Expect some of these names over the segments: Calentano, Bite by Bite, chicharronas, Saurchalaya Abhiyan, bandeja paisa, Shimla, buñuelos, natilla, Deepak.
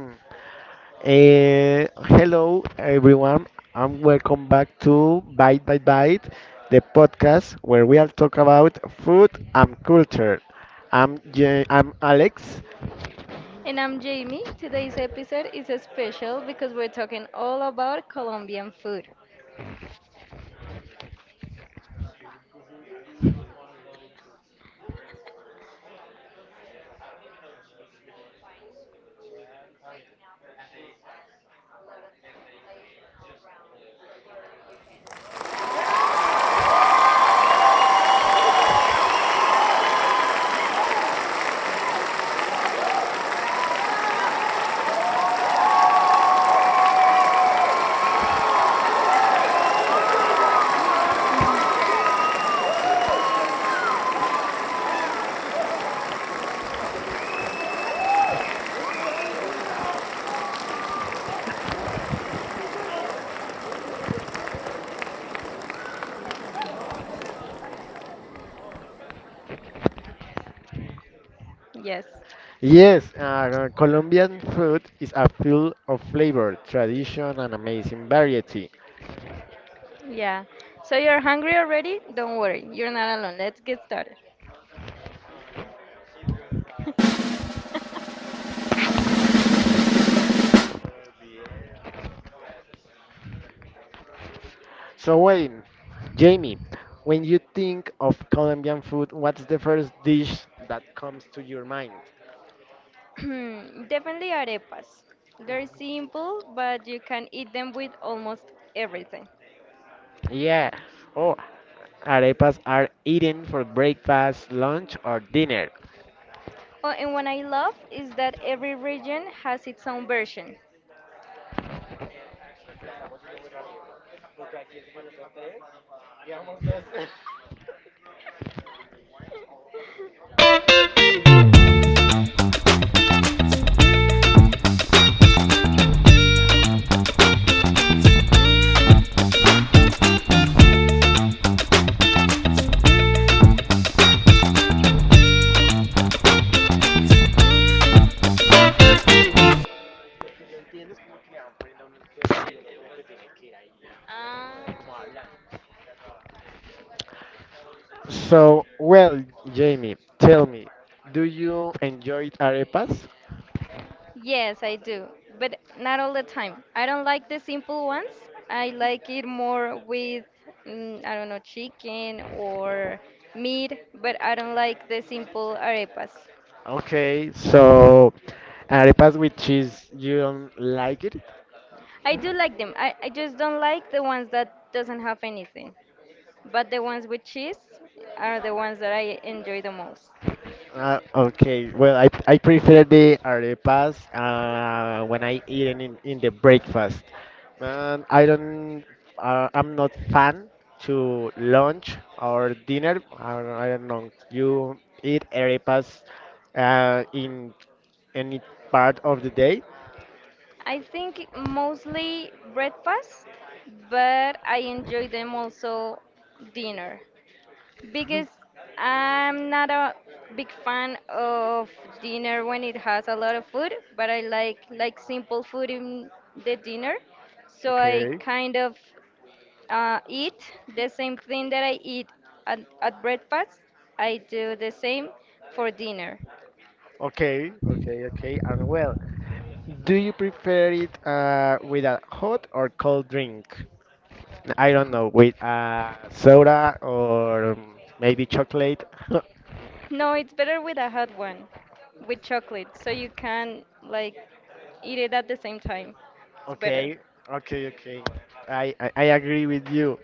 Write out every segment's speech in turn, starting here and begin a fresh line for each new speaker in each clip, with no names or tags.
Hello, everyone, and welcome back to Bite by Bite, the podcast where we will talk about food and culture. I'm Alex.
And I'm Jamie. Today's episode is special because we're talking all about Colombian food. hmm Yes.
Yes, Colombian food is a full of flavor, tradition, and amazing variety.
Yeah. So you're hungry already? Don't worry, you're not alone. Let's get started.
So, Wayne, Jamie, when you think of Colombian food, what's the first dish that comes to your mind?
Definitely arepas. They're simple, but you can eat them with almost everything.
Yeah. Oh, arepas are eaten for breakfast, lunch, or dinner.
Oh, and what I love is that every region has its own version. Ah.
So, well, Jamie, tell me, do you enjoy arepas?
Yes, I do, but not all the time. I don't like the simple ones. I like it more with, mm, I don't know, chicken or meat, but I don't like the simple arepas.
Okay, so arepas with cheese, you don't like it?
I do like them. I just don't like the ones that doesn't have anything. But the ones with cheese are the ones that I enjoy the most.
Okay, well, I prefer the arepas when I eat it in the breakfast. And I don't, I'm not fan to lunch or dinner. I don't know. You eat arepas in any part of the day?
I think mostly breakfast, but I enjoy them also dinner. Because I'm not a big fan of dinner when it has a lot of food, but I like simple food in the dinner. So I
Okay,
kind of eat the same thing that I eat at breakfast. I do the same for dinner.
okay, okay, okay. And well, do you prefer it with a hot or cold drink? I don't know, with soda or maybe chocolate.
No, it's better with a hot one, with chocolate, so you can like eat it at the same time. It's better.
Okay, okay, okay. I agree with you.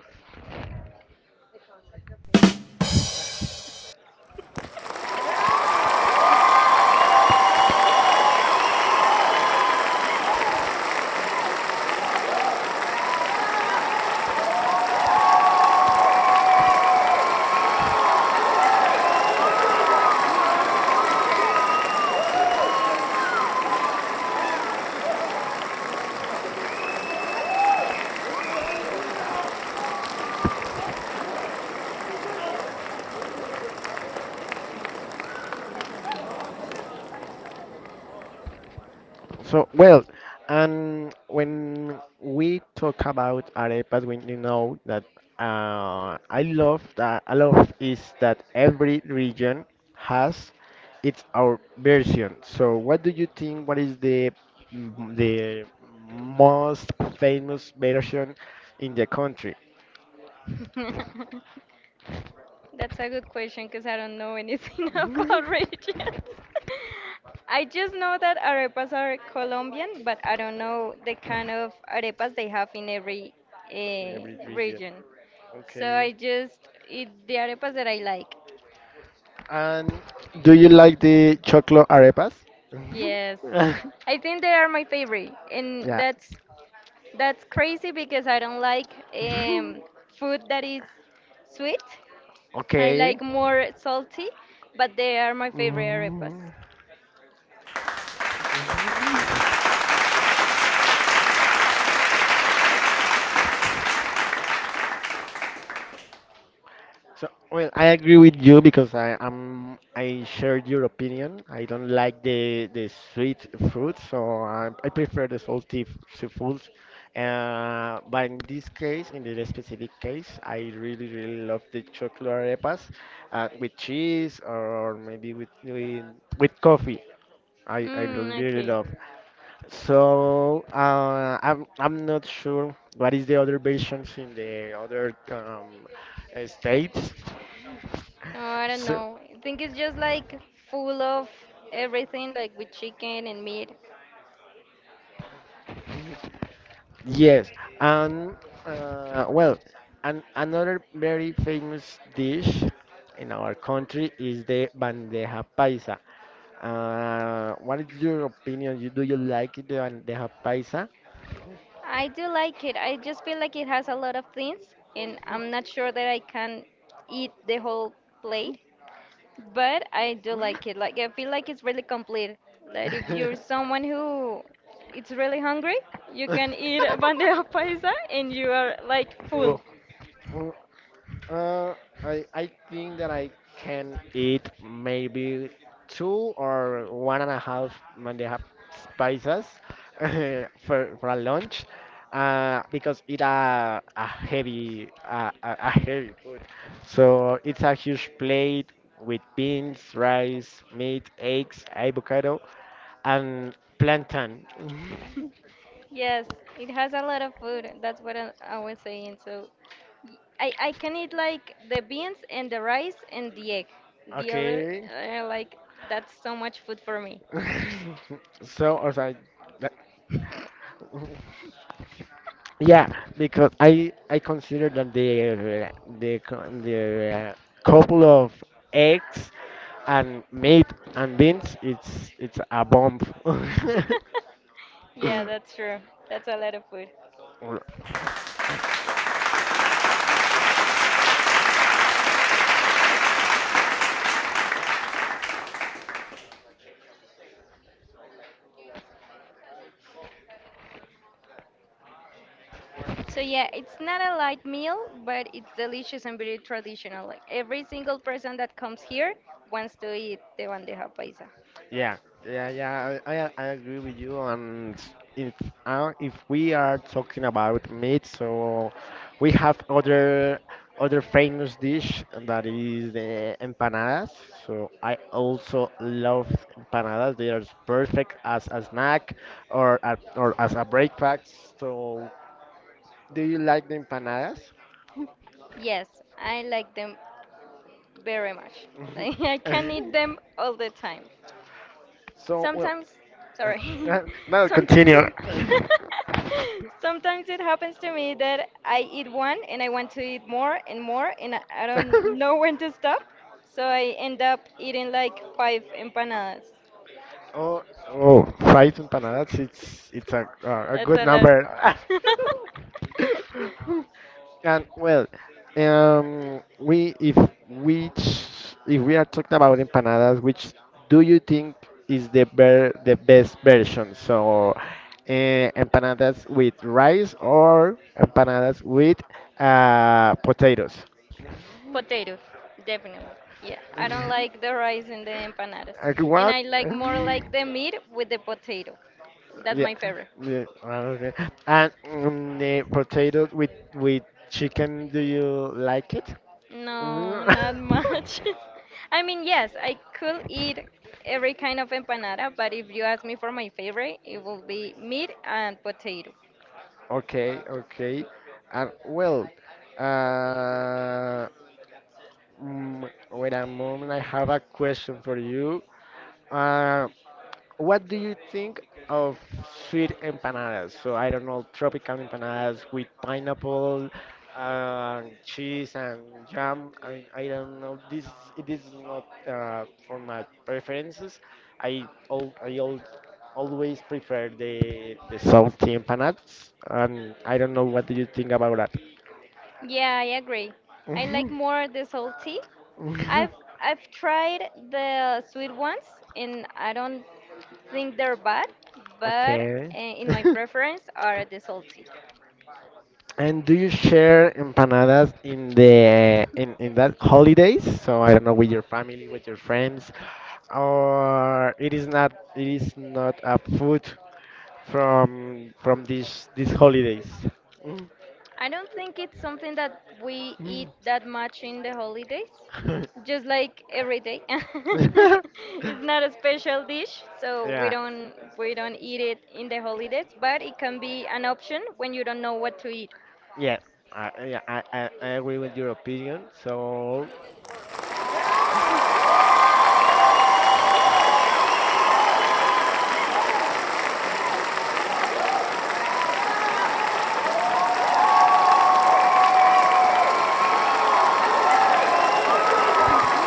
So, well, and when we talk about arepas, when you know that I love is that every region has its our version. So, what do you think? What is the most famous version in the country?
That's a good question because I don't know anything about regions. I just know that arepas are Colombian, but I don't know the kind of arepas they have in every
In every region.
region. So
Okay.
I just eat the arepas that I like.
And do you like the chocolate arepas? Mhm.
Yes. I think they are my favorite, and
Yeah.
that's crazy because I don't like food that is sweet. I
Okay.
like more salty, but they are my favorite arepas.
Mhm. Mhm. So, well, I agree with you because I share your opinion. I don't like the sweet fruits, so I prefer the salty foods. But in this case, in this specific case, I really really love the chocolate arepas with cheese or maybe with coffee. I
Mm,
really
okay.
love. So I'm not sure what is the other versions in the other states.
Oh, I don't
So,
know. I think it's just like full of everything, like with chicken and meat.
yes, and well, another very famous dish in our country is the bandeja paisa. What is your opinion? Do you like the bandeja paisa?
I do like it. I just feel like it has a lot of things, and I'm not sure that I can eat the whole plate, but I do like it. Like, I feel like it's really complete. Like, if you're someone who it's really hungry, you can eat a bandeja paisa and you are like full.
Oh. Uh, I think that I can eat maybe two or one and a half when they have spices for a lunch, because it's a heavy food. So it's a huge plate with beans, rice, meat, eggs, avocado, and plantain.
Yes, it has a lot of food. That's what I was saying. So I can eat like the beans and the rice and the egg. The other,
Okay.
Okay. Like, that's so much food for me.
So, or sorry. Yeah, because I consider that the couple of eggs and meat and beans it's a bomb.
Yeah, that's true. That's a lot of food. So yeah, it's not a light meal, but it's delicious and very traditional. Like every single person that comes here wants to eat the bandeja paisa.
Yeah, yeah, yeah. I agree with you. And if if we are talking about meat, so we have other famous dish that is the empanadas. So I also love empanadas. They are perfect as a snack or or as a breakfast. So do you like the empanadas?
Yes, I like them very much. Like, I can eat them all the time.
So, well,
Sometimes, sorry.
now continue.
Sometimes, sometimes it happens to me that I eat one and I want to eat more and more, and I don't know when to stop. So I end up eating like five empanadas.
Oh, oh, five empanadas. It's a
That's
good number.
a
And well, we if which if we are talking about empanadas, which do you think is the best version? So, empanadas with rice or empanadas with
lot.
potatoes?
Potato, definitely. Yeah, I don't like the rice and the empanadas. And
What?
I like more like the meat with the potato. That's
Yeah,
my favorite.
yeah, ah, okay. And the potato with chicken, do you like it?
No,
Mm.
not much. I mean, yes, I could eat every kind of empanada, but if you ask me for my favorite, it will be meat and potato.
Okay, okay. And well, uh, wait a moment. I have a question for you. Uh, What do you think of sweet empanadas? So I don't know, tropical empanadas with pineapple, cheese and jam. I don't know. This it is not for my preferences. I al always prefer the salty empanadas, and I don't know what do you think about that.
Yeah, I agree. I like more the salty. I've I've tried the sweet ones and I don't think they're bad, but
Okay.
in my preference are the salty.
And do you share empanadas in that holidays? So I don't know with your family, with your friends, or it is not a food from these holidays. Mm.
I don't think it's something that we eat that much in the holidays,
Mm.
just like every day. it's not a special dish, so
Yeah,
we don't eat it in the holidays, but it can be an option when you don't know what to eat.
yeah, I agree with your opinion. So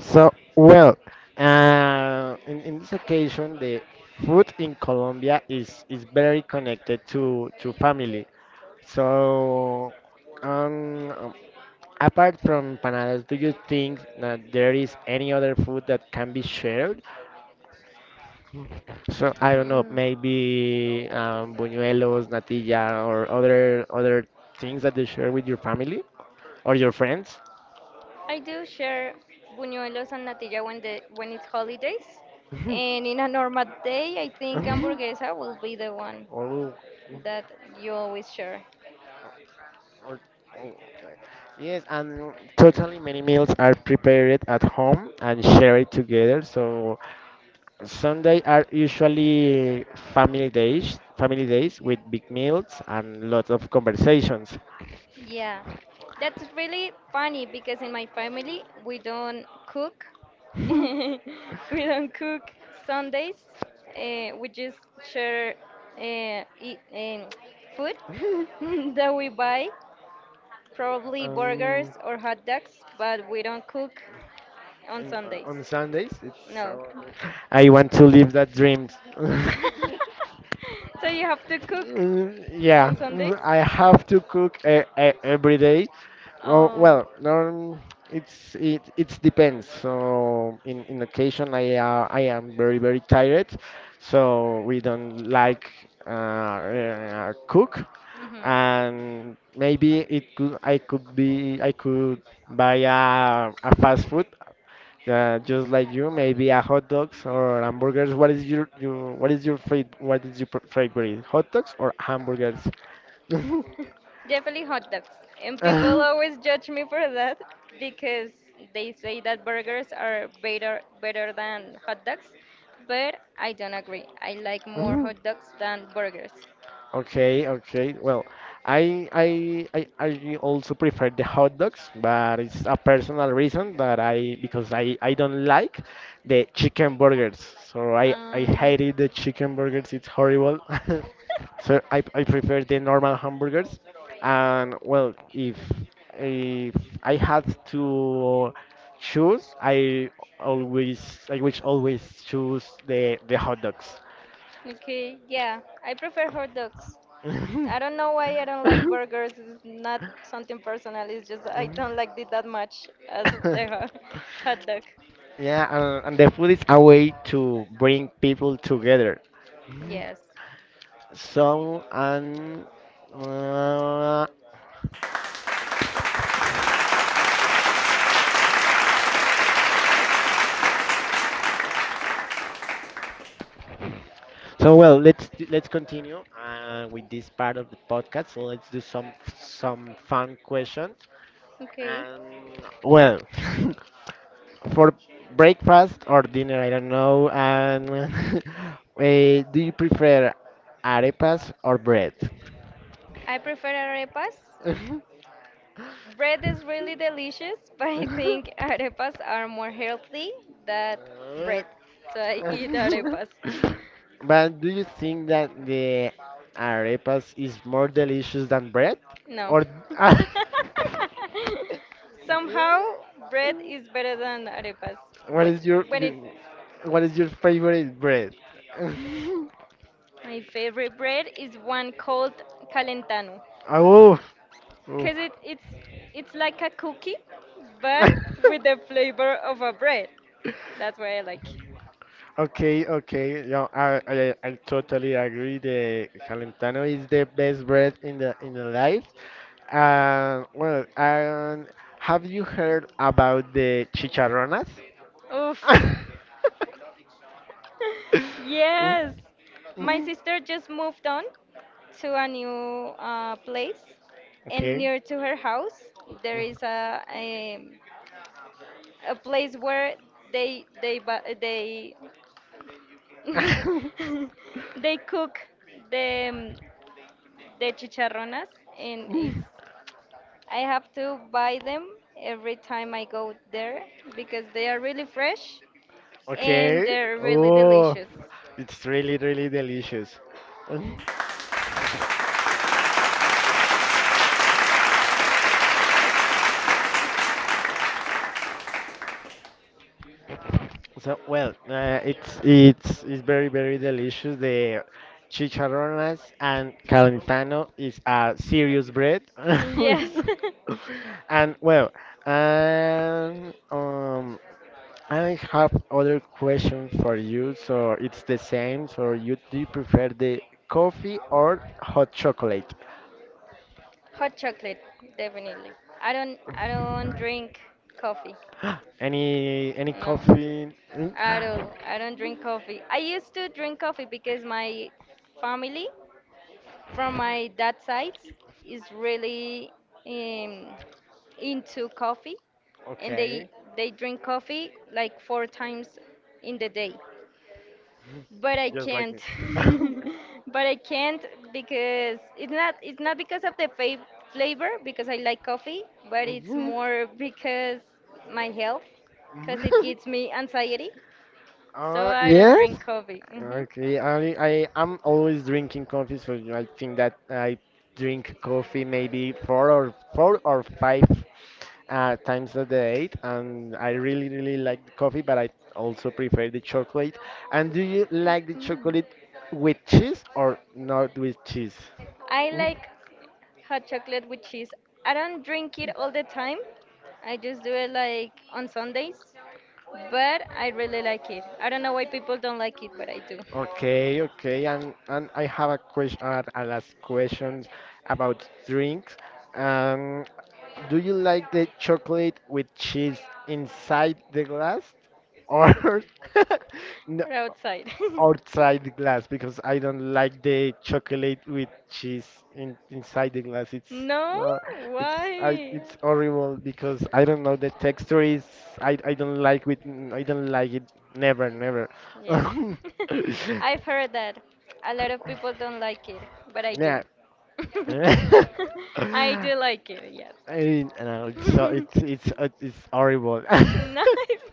So, well, in this occasion, the food in Colombia is very connected to family. So, um, apart from empanadas, do you think that there is any other food that can be shared? So, I don't know,
Mm.
maybe buñuelos, natilla, or other things that you share with your family or your friends?
I do share buñuelos and natilla when the when it's holidays, and in a normal day, I think hamburguesa will be the one
Oh,
that you always share.
oh, oh, okay. Yes, and totally many meals are prepared at home and shared together. So Sunday are usually family days with big meals and lots of conversations.
Yeah, that's really funny because in my family we don't cook. we don't cook Sundays. We just share eat, food that we buy. Probably burgers
Um,
or hot dogs, but we don't cook on
and
Sundays.
on Sundays, it's
No.
so. I want to live that dream.
so you have to cook
Mm, yeah,
on Sundays?
I
Uh,
have to cook every day. Oh,
oh.
well, it depends. So in occasion I am very very tired, so we don't like cook,
hmm
and maybe it could I could be I could buy a fast food that just like you, maybe a hot dogs or hamburgers. What is your what is your fav what is your pr- favorite? Hot dogs or hamburgers?
Definitely hot dogs. And people always judge me for that because they say that burgers are better than hot dogs, but I don't agree. I like more hot dogs than burgers.
Okay, okay. Well, I also prefer the hot dogs, but it's a personal reason that I because I don't like the chicken burgers. So I
Um,
hated the chicken burgers. It's horrible. So I prefer the normal hamburgers. And well, if I had to choose, I would always choose the hot dogs.
okay, yeah, I prefer hot dogs. I don't know why I don't like burgers. It's not something personal. It's just I
Mm.
don't like it that much as the ho- hot dog.
Yeah, and the food is a way to bring people together.
Yes.
So and uh, so well, let's continue with this part of the podcast. So let's do some fun questions.
Okay.
And well, for breakfast or dinner, I don't know. And do you prefer arepas or bread?
I prefer arepas. Bread is really delicious, but I think arepas are more healthy than bread. So I eat arepas.
But do you think that the arepas is more delicious than bread?
No.
Or
Somehow, bread is better than arepas.
what
When,
is your,
when
your
it,
what is your favorite bread?
my favorite bread is one called Calentano,
Oh, oh.
cause it's like a cookie, but with the flavor of a bread. That's why I like.
Okay, okay. Yeah, I totally agree. The Calentano is the best bread in the life. Well, have you heard about the chicharronas?
Oof. Yes, my sister just moved on to a new place, and
Okay.
near to her house there is a place where they bu- they they cook the um, the chicharronas, and it's I have to buy them every time I go there because they are really fresh and
Okay.
they're really
Oh,
delicious.
it's really, really delicious. So, well, it's very, very delicious. The chicharrones and calentano is a serious bread.
yes.
And well, and I have other question for you. So it's the same. So you do you prefer the coffee or hot chocolate?
Hot chocolate, definitely. I don't drink coffee.
Any
No.
coffee?
At
Mm.
all. I don't drink coffee. I used to drink coffee because my family from my dad side is really um, into coffee and
Okay,
they drink coffee like 4 times in the day but I
just like me.
can't but I can't because it's not because of the fa- flavor because I like coffee but it's
Mhm.
more because my health because it gives me anxiety so I don't
Yes.
drink coffee
Okay, I am always drinking coffee, so I think that I drink coffee maybe four or five times a day, and I really really like the coffee, but I also prefer the chocolate. And do you like the chocolate with cheese or not with cheese?
I
Mm.
like hot chocolate with cheese. I don't drink it all the time. I just do it like on Sundays. But I really like it. I don't know why people don't like it, but I do.
Okay, okay, and I have a question, a last questions about drinks. Um, Do you like the chocolate with cheese inside the glass or no,
Or outside.
outside the glass? Because I don't like the chocolate with cheese inside the glass.
no?
Uh, it's I,
Why?
it's horrible because I don't know the texture is, I, I don't like with I don't like it never never.
Yeah. I've heard that. A lot of people don't like it, but I do.
Yeah.
I do like it, yes.
I mean, I know, it's so it's it's uh, it's horrible.
Nice.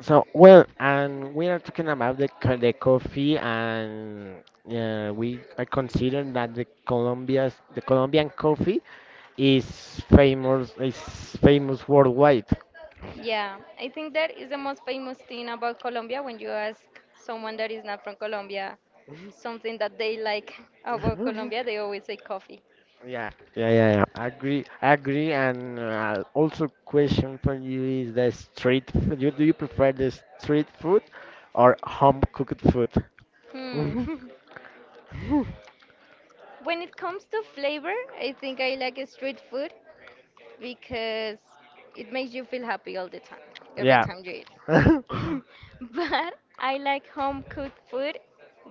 So, well, and we are talking about the coffee, and we I consider that the Colombian coffee is is famous worldwide.
Yeah, I think that is the most famous thing about Colombia when you ask someone that is not from Colombia something that they like about
Mhm.
Colombia, they always say coffee.
Yeah, yeah, yeah, yeah. I agree, and also question for you is the street food. Do you prefer the street food or home cooked food?
Hmm. When it comes to flavor, I think I like street food because it makes you feel happy all the time, every
Yeah.
time you eat. But I like home cooked food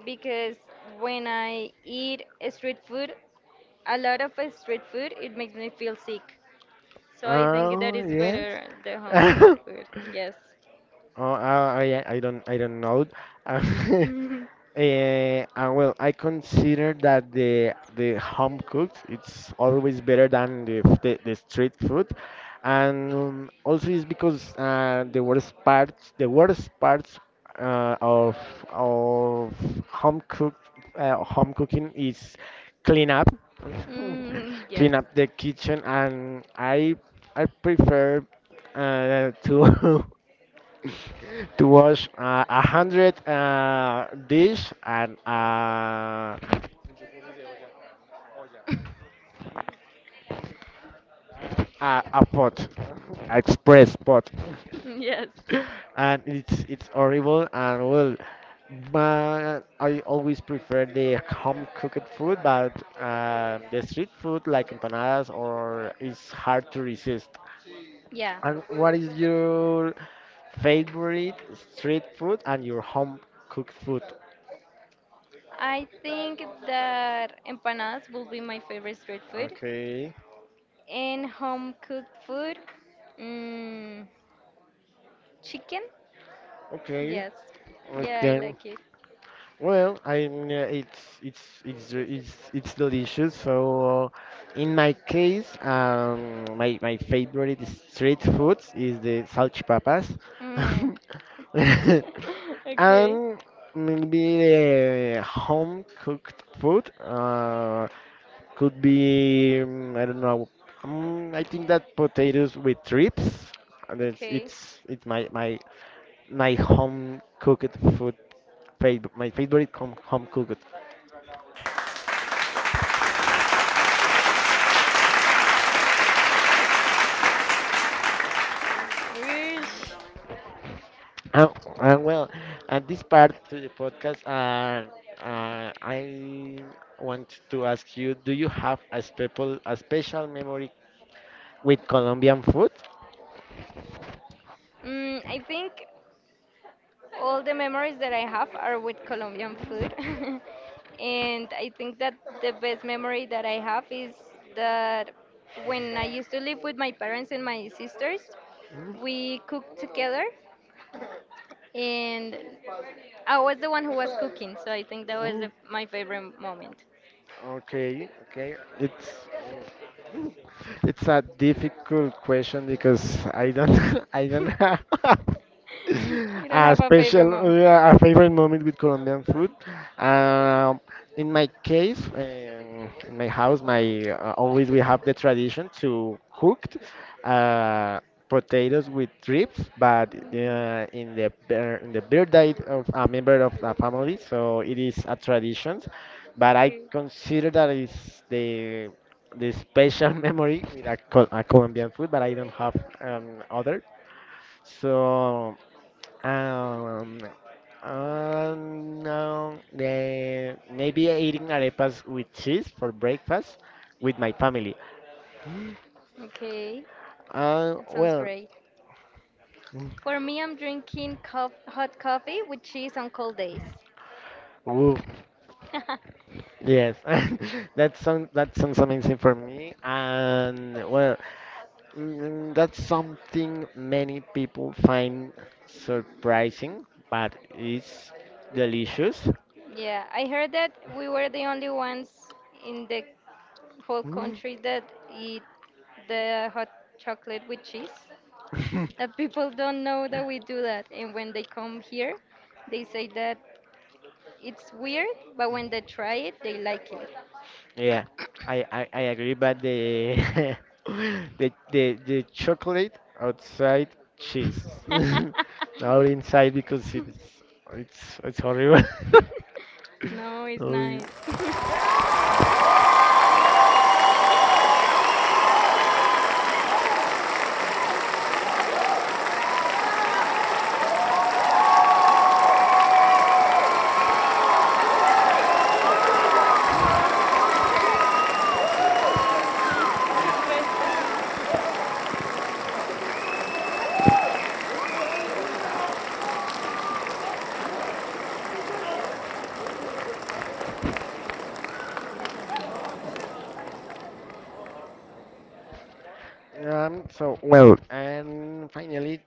because when I eat street food, a lot of street food, it makes me feel sick. So I think that
Oh,
is
yes.
better the home cooked food. Yes.
Oh, I don't know. Well, I consider that the home cooked it's always better than the street food, and also it's because the worst parts uh, of of home cooked home cooking is clean up,
Mm, yes.
clean up the kitchen, and I prefer to. to Wash a hundred dish and a pot, express pot,
Yes.
and it's horrible and well. But I always prefer the home cooked food, but the street food like empanadas or is hard to resist.
Yeah.
And what is your favorite street food and your home cooked food?
I think that empanadas will be my favorite street food.
Okay,
And home cooked food? Mm, chicken?
okay.
Yes. Yeah, I
Okay.
like it.
Well, I mean, it's re- it's delicious. So, uh, in my case, my favorite street food is the salchipapas,
Mm. okay.
and maybe the home cooked food could be I don't know. I think that potatoes with trips. And it's
Okay.
it's it's my home cooked food favorite, my favorite home cooked.
Wish.
Uh, well, at this part to the podcast, I want to ask you: do you have a special memory with Colombian food?
Mm, I think all the memories that I have are with Colombian food. and I think that the best memory that I have is that when I used to live with my parents and my sisters, we cooked together and I was the one who was cooking, so I think that was the,
Mm,
my favorite moment.
Okay, okay. It's a difficult question because I don't I don't
you
have
don't
a
have a favorite
special
moment?
a favorite moment with Colombian food. Um, in my case, in my house, my always we have the tradition to cook uh, potatoes with ribs, but in the birthday of a member of the family, so it is a tradition. But I consider that is the special memory with a Colombian food, but I don't have other. So um, no, maybe eating arepas with cheese for breakfast with my family.
Okay. Okay. That sounds
Well,
great.
mm,
For me, I'm drinking cof- hot coffee with cheese on cold days.
ooh, yes, that sounds amazing for me, and well, that's something many people find surprising, but it's delicious.
yeah, I heard that we were the only ones in the whole country that eat the hot chocolate with cheese. That people don't know that we do that, and when they come here, they say that it's weird, but when they try it, they like it.
Yeah, I agree, but the the chocolate outside cheese, not inside because it's horrible.
no, it's
Um,
nice. Uy, resto, sí.
so, well, and finally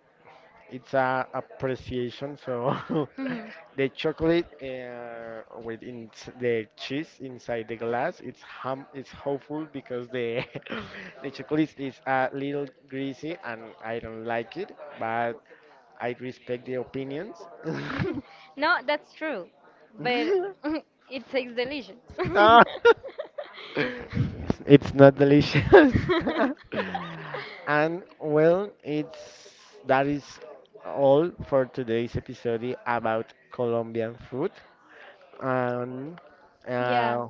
it's a appreciation. So
Ujú.
The chocolate with in the cheese inside the glass, it's hopeful because the the chocolate is a little greasy and I don't like it, but I respect the opinions.
No, that's true, but it tastes delicious.
Ah. It's not delicious. And well, it's that is all for today's episode about Colombian food. Um,
Yeah,
uh,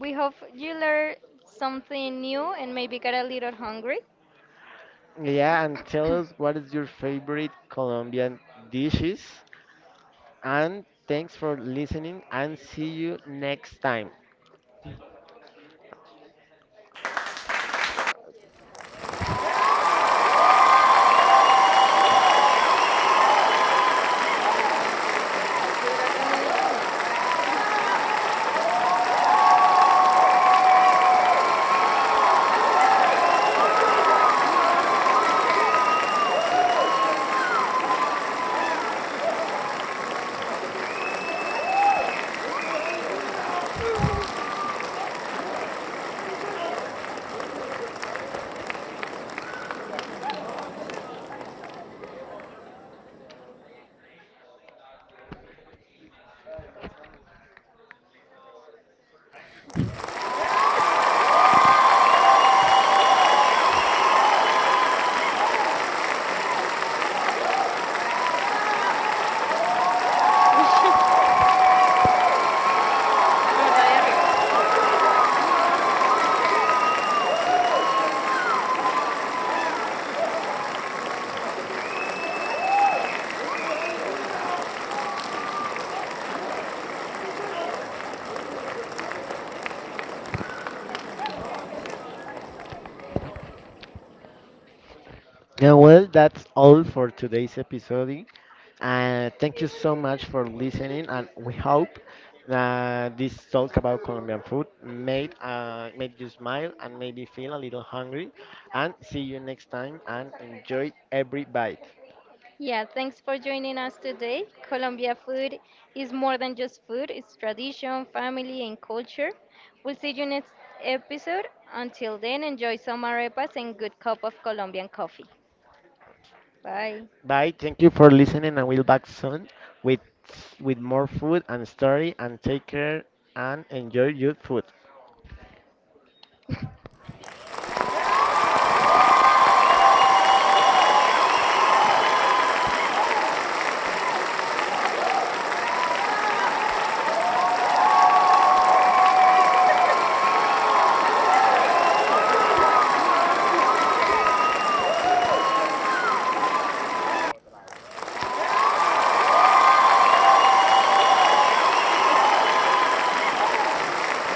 we hope you learn something new and maybe get a little hungry.
yeah, and tell us what is your favorite Colombian dishes. And thanks for listening, and see you next time. Uh,
Tres minutos de aplauso. Si dura tres minutos, no. Hola, ahí arriba.
Yeah, well, that's all for today's episode. And thank you so much for listening. And we hope that this talk about Colombian food made you smile and maybe feel a little hungry. And see you next time. And enjoy every bite.
Yeah, thanks for joining us today. Colombia food is more than just food, it's tradition, family, and culture. We'll see you next episode. Until then, enjoy some arepas and good cup of Colombian coffee. Bye.
Bye. Thank you for listening. And we'll back soon with more food and story. And take care and enjoy your food.
Sí, toca para eso. Se borra todo.